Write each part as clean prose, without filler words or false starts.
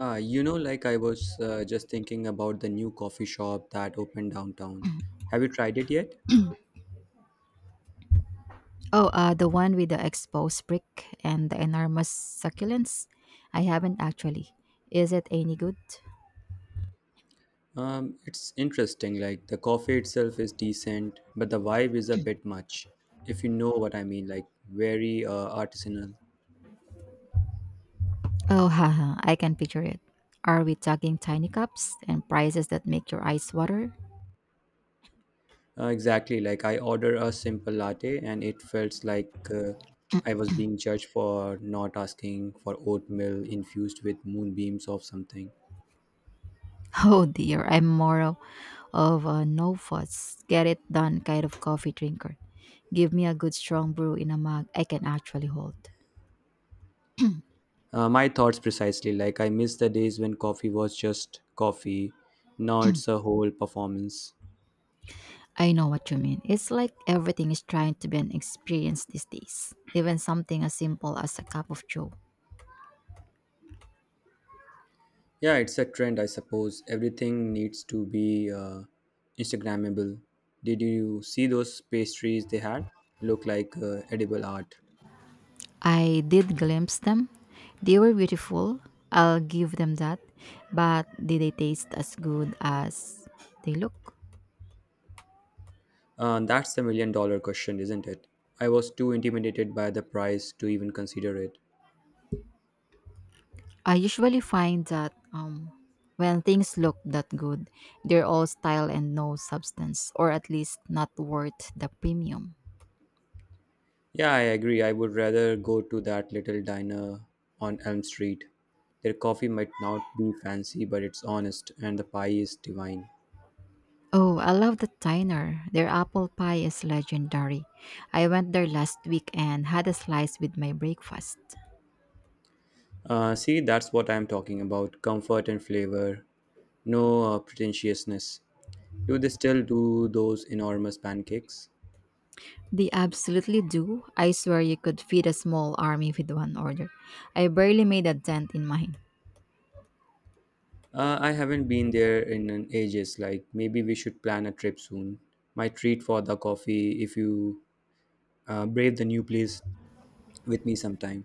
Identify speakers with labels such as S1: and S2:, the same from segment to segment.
S1: Like I was just thinking about the new coffee shop that opened downtown. Have you tried it yet?
S2: Oh, the one with the exposed brick and the enormous succulents? I haven't actually. Is it any good?
S1: It's interesting. Like, the coffee itself is decent, but the vibe is a bit much. If you know what I mean, like, very artisanal.
S2: Oh, haha, I can picture it. Are we talking tiny cups and prices that make your eyes water?
S1: Exactly. Like, I ordered a simple latte, and it felt like I was being judged for not asking for oatmeal infused with moonbeams or something.
S2: Oh dear, I'm more of a no fuss, get it done kind of coffee drinker. Give me a good strong brew in a mug I can actually hold.
S1: My thoughts precisely. Like, I miss the days when coffee was just coffee. Now it's a whole performance.
S2: I know what you mean. It's like everything is trying to be an experience these days, even something as simple as a cup of joe.
S1: Yeah, it's a trend, I suppose. Everything needs to be Instagrammable. Did you see those pastries they had? Look like edible art.
S2: I did glimpse them. They were beautiful. I'll give them that. But did they taste as good as they look?
S1: That's the million dollar question, isn't it? I was too intimidated by the price to even consider it.
S2: I usually find that when things look that good, they're all style and no substance, or at least not worth the premium.
S1: Yeah, I agree. I would rather go to that little diner on Elm Street. Their coffee might not be fancy, but it's honest, and the pie is divine.
S2: Oh, I love the diner. Their apple pie is legendary. I went there last week and had a slice with my breakfast.
S1: See, that's what I'm talking about, comfort and flavor, no pretentiousness. Do they still do those enormous pancakes?
S2: They absolutely do. I swear you could feed a small army with one order. I barely made a dent in mine.
S1: I haven't been there in an ages. Like, maybe we should plan a trip soon. My treat for the coffee if you brave the new place with me sometime.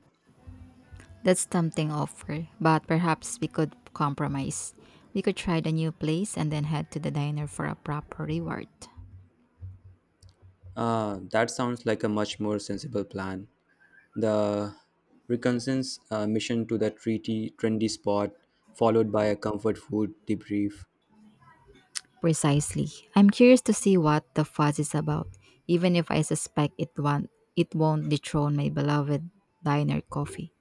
S2: That's tempting offer, but perhaps we could compromise. We could try the new place and then head to the diner for a proper reward.
S1: That sounds like a much more sensible plan. The reconnaissance mission to the treaty trendy spot, followed by a comfort food debrief.
S2: Precisely. I'm curious to see what the fuss is about, even if I suspect it won't dethrone my beloved diner coffee.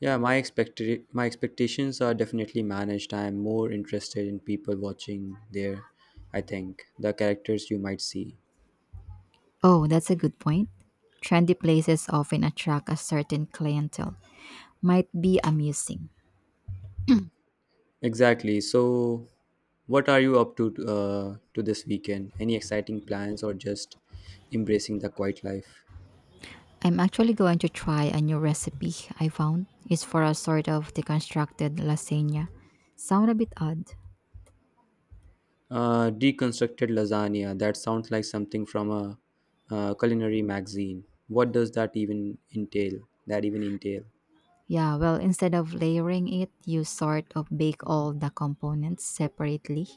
S1: Yeah, my expectations are definitely managed. I am more interested in people watching there. I think the characters you might see.
S2: Oh, that's a good point. Trendy places often attract a certain clientele. Might be amusing.
S1: Exactly. So, what are you up to this weekend? Any exciting plans or just embracing the quiet life?
S2: I'm actually going to try a new recipe I found. It's for a sort of deconstructed lasagna. Sound a bit odd.
S1: Deconstructed lasagna. That sounds like something from a, uh, culinary magazine. What does that even entail? That even entail?
S2: Yeah, well, instead of layering it, you sort of bake all the components separately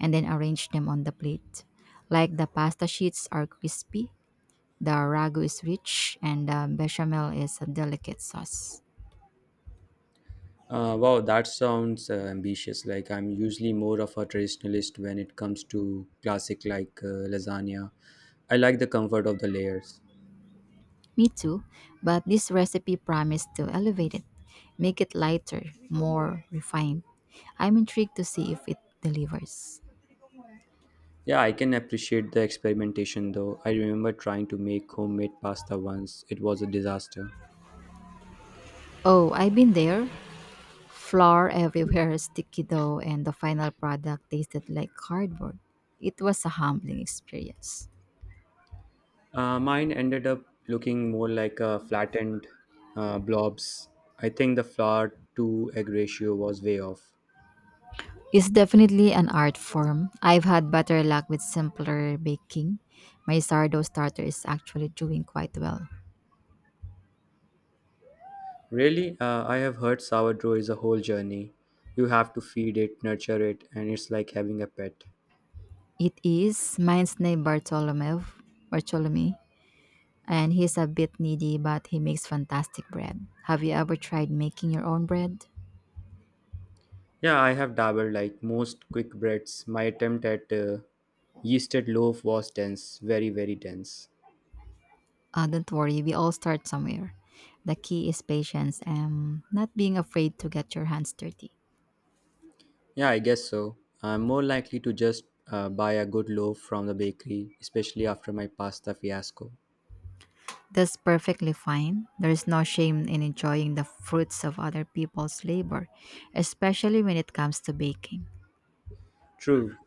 S2: and then arrange them on the plate. Like the pasta sheets are crispy, the ragu is rich, and the bechamel is a delicate sauce.
S1: Wow, that sounds ambitious. Like, I'm usually more of a traditionalist when it comes to classic, like, lasagna. I like the comfort of the layers.
S2: Me too, but this recipe promised to elevate it, make it lighter, more refined. I'm intrigued to see if it delivers.
S1: Yeah, I can appreciate the experimentation though. I remember trying to make homemade pasta once. It was a disaster.
S2: Oh, I've been there. Flour everywhere, sticky dough, and the final product tasted like cardboard. It was a humbling experience.
S1: Mine ended up looking more like a flattened blobs. I think the flour to egg ratio was way off.
S2: It's definitely an art form. I've had better luck with simpler baking. My sourdough starter is actually doing quite well.
S1: Really? I have heard sourdough is a whole journey. You have to feed it, nurture it, and it's like having a pet.
S2: It is mine's name Bartolomeu, Bartolome. And he's a bit needy, but he makes fantastic bread. Have you ever tried making your own bread?
S1: Yeah, I have dabbled, like, most quick breads. My attempt at yeasted loaf was dense, very, very dense.
S2: Don't worry, we all start somewhere. The key is patience and not being afraid to get your hands dirty.
S1: Yeah, I guess so. I'm more likely to just buy a good loaf from the bakery, especially after my pasta fiasco.
S2: That's perfectly fine. There is no shame in enjoying the fruits of other people's labor, especially when it comes to baking.
S1: True.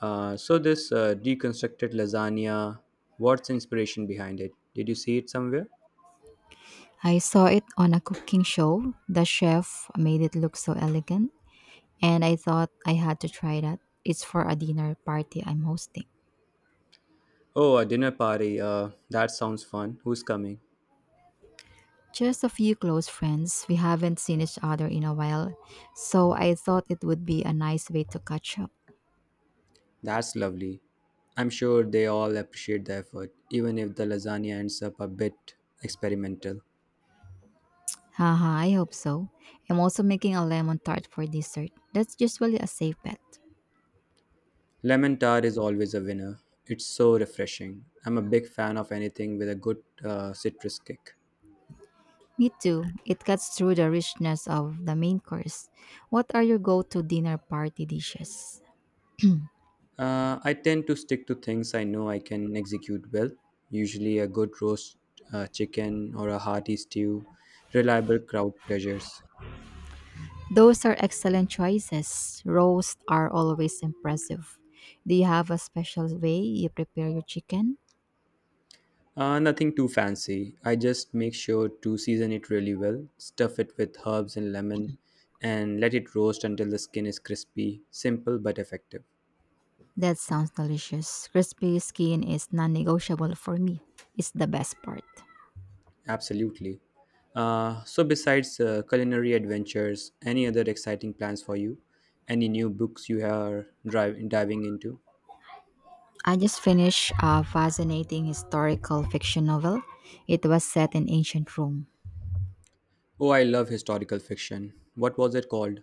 S1: So this deconstructed lasagna, what's the inspiration behind it? Did you see it somewhere?
S2: I saw it on a cooking show. The chef made it look so elegant, and I thought I had to try that. It's for a dinner party I'm hosting.
S1: Oh, a dinner party. That sounds fun. Who's coming?
S2: Just a few close friends. We haven't seen each other in a while, so I thought it would be a nice way to catch up.
S1: That's lovely. I'm sure they all appreciate the effort, even if the lasagna ends up a bit experimental.
S2: Haha, I hope so. I'm also making a lemon tart for dessert. That's usually a safe bet.
S1: Lemon tart is always a winner. It's so refreshing. I'm a big fan of anything with a good citrus kick.
S2: Me too. It cuts through the richness of the main course. What are your go to dinner party dishes?
S1: I tend to stick to things I know I can execute well, usually a good roast chicken or a hearty stew, reliable crowd pleasures.
S2: Those are excellent choices. Roasts are always impressive. Do you have a special way you prepare your chicken?
S1: Nothing too fancy. I just make sure to season it really well, stuff it with herbs and lemon, and let it roast until the skin is crispy. Simple but effective.
S2: That sounds delicious. Crispy skin is non negotiable for me. It's the best part.
S1: Absolutely. So, besides culinary adventures, any other exciting plans for you? Any new books you are diving into?
S2: I just finished a fascinating historical fiction novel. It was set in ancient Rome.
S1: Oh, I love historical fiction. What was it called?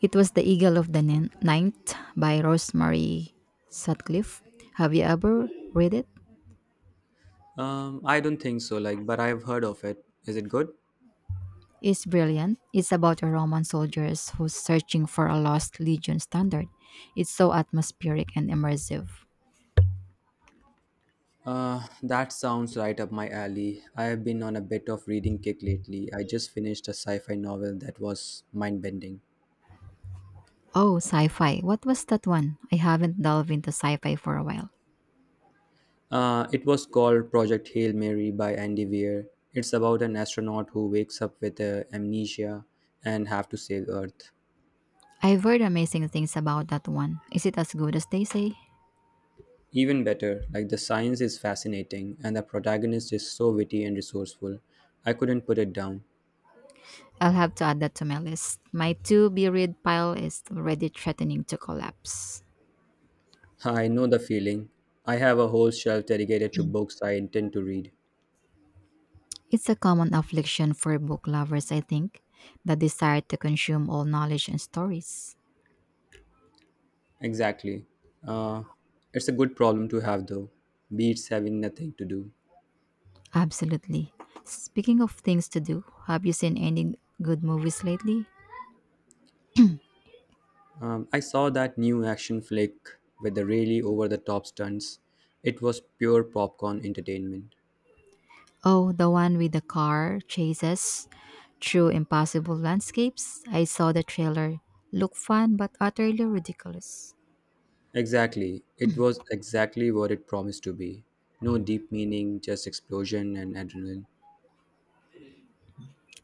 S2: It was The Eagle of the Ninth by Rosemary Sutcliffe. Have you ever read it?
S1: I don't think so, like, but I've heard of it. Is it good?
S2: It's brilliant. It's about a Roman soldiers who's searching for a lost legion standard. It's so atmospheric and immersive.
S1: That sounds right up my alley. I have been on a bit of reading kick lately. I just finished a sci-fi novel that was mind-bending.
S2: Oh, sci-fi. What was that one? I haven't delved into sci-fi for a while.
S1: It was called Project Hail Mary by Andy Weir. It's about an astronaut who wakes up with amnesia and have to save Earth.
S2: I've heard amazing things about that one. Is it as good as they say?
S1: Even better, like, the science is fascinating and the protagonist is so witty and resourceful. I couldn't put it down.
S2: I'll have to add that to my list. My to be read pile is already threatening to collapse.
S1: I know the feeling. I have a whole shelf dedicated to books I intend to read.
S2: It's a common affliction for book lovers, I think, the desire to consume all knowledge and stories.
S1: Exactly. Uh, it's a good problem to have, though. Beats having nothing to do.
S2: Absolutely. Speaking of things to do, have you seen any good movies lately?
S1: I saw that new action flick with the really over the top stunts. It was pure popcorn entertainment.
S2: Oh, the one with the car chases through impossible landscapes. I saw the trailer. Look fun but utterly ridiculous.
S1: Exactly. It was exactly what it promised to be. No deep meaning, just explosion and adrenaline.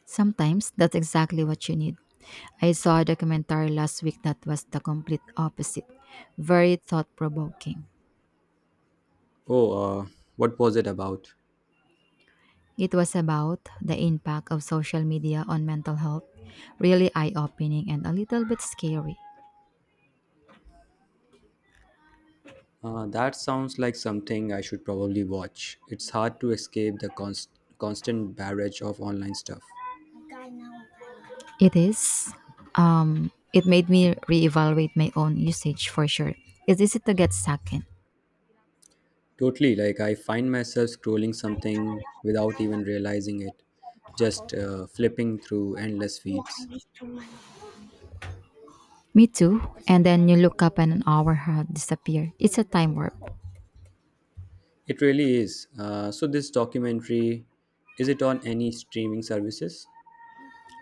S2: Sometimes that's exactly what you need. I saw a documentary last week that was the complete opposite, very thought provoking.
S1: Oh, what was it about?
S2: It was about the impact of social media on mental health, really eye opening and a little bit scary.
S1: That sounds like something I should probably watch. It's hard to escape the constant barrage of online stuff.
S2: It is. It made me reevaluate my own usage for sure. It's easy to get sucked in.
S1: Totally, like, I find myself scrolling something without even realizing it, just flipping through endless feeds.
S2: Me too. And then you look up and an hour had disappeared. It's a time warp.
S1: It really is. So, this documentary, is it on any streaming services?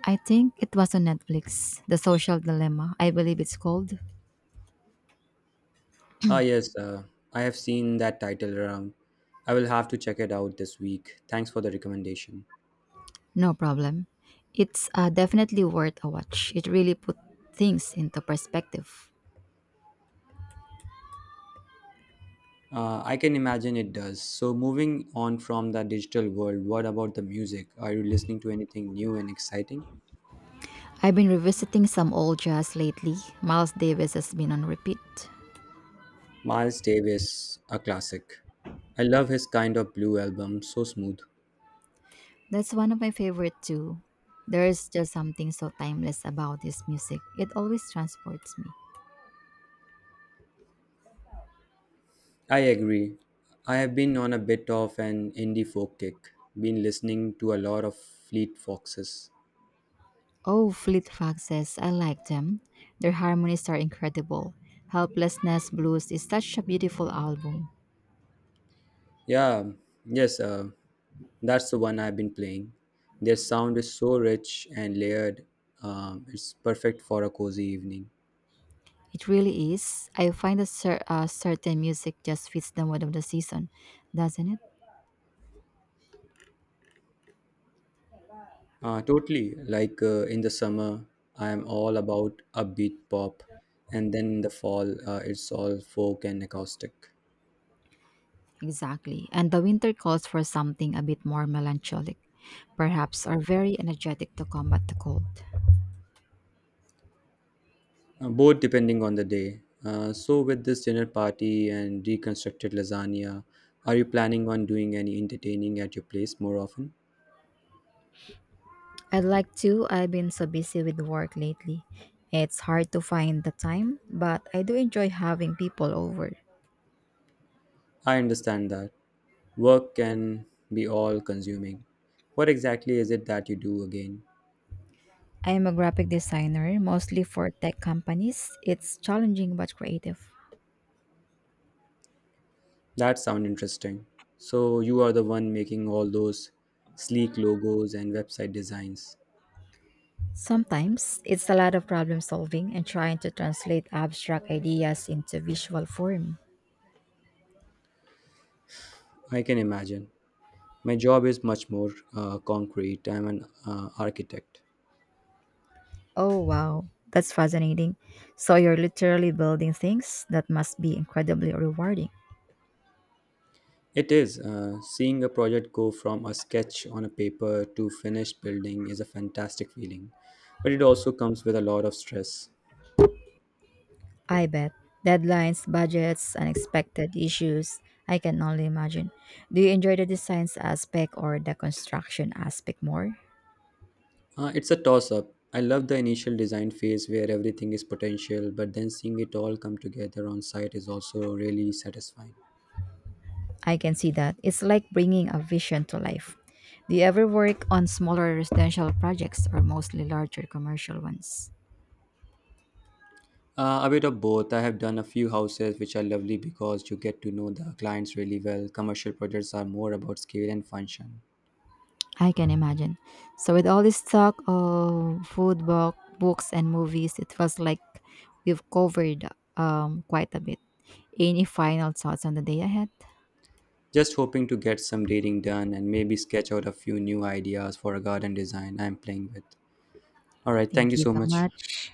S2: I think it was on Netflix, The Social Dilemma. I believe it's called.
S1: Ah, yes, I have seen that title around. I will have to check it out this week. Thanks for the recommendation.
S2: No problem. It's definitely worth a watch. It really put things into perspective.
S1: I can imagine it does. So, moving on from the digital world, what about the music? Are you listening to anything new and exciting?
S2: I've been revisiting some old jazz lately. Miles Davis has been on repeat.
S1: Miles Davis, a classic. I love his Kind of Blue album, so smooth.
S2: That's one of my favorite too. There's just something so timeless about his music. It always transports me.
S1: I agree. I have been on a bit of an indie folk kick, been listening to a lot of Fleet Foxes.
S2: Oh, Fleet Foxes, I like them. Their harmonies are incredible. Helplessness Blues is such a beautiful album.
S1: Yeah, yes, that's the one I've been playing. Their sound is so rich and layered, it's perfect for a cozy evening.
S2: It really is. I find that certain music just fits the mood of the season, doesn't it?
S1: Totally. Like, in the summer, I am all about upbeat pop, and then in the fall, it's all folk and acoustic,
S2: Exactly. And the winter calls for something a bit more melancholic, perhaps, or very energetic to combat the cold.
S1: both depending on the day. So, with this dinner party and reconstructed lasagna, are you planning on doing any entertaining at your place more often?
S2: I'd like to. I've been so busy with work lately. It's hard to find the time, but I do enjoy having people over.
S1: I understand that work can be all consuming. What exactly is it that you do again?
S2: I am a graphic designer, mostly for tech companies. It's challenging but creative.
S1: That sound interesting. So you are the one making all those sleek logos and website designs.
S2: Sometimes it's a lot of problem solving and trying to translate abstract ideas into visual form.
S1: I can imagine. My job is much more concrete. I'm an architect.
S2: Oh wow, that's fascinating. So you're literally building things that must be incredibly rewarding.
S1: It is. Seeing a project go from a sketch on a paper to finished building is a fantastic feeling, but it also comes with a lot of stress.
S2: I bet. Deadlines, budgets, unexpected issues. I can only imagine. Do you enjoy the designs aspect or the construction aspect more?
S1: It's a toss up. I love the initial design phase where everything is potential, but then seeing it all come together on site is also really satisfying.
S2: I can see that. It's like bringing a vision to life. Do you ever work on smaller residential projects or mostly larger commercial ones?
S1: A bit of both. I have done a few houses which are lovely because you get to know the clients really well. Commercial projects are more about scale and function.
S2: I can imagine. So, with all this talk of food, book, books, and movies, it feels like we've covered quite a bit. Any final thoughts on the day ahead?
S1: Just hoping to get some dating done and maybe sketch out a few new ideas for a garden design I'm playing with. All right, thank
S2: Thank
S1: you
S2: you
S1: so
S2: so
S1: much.
S2: much.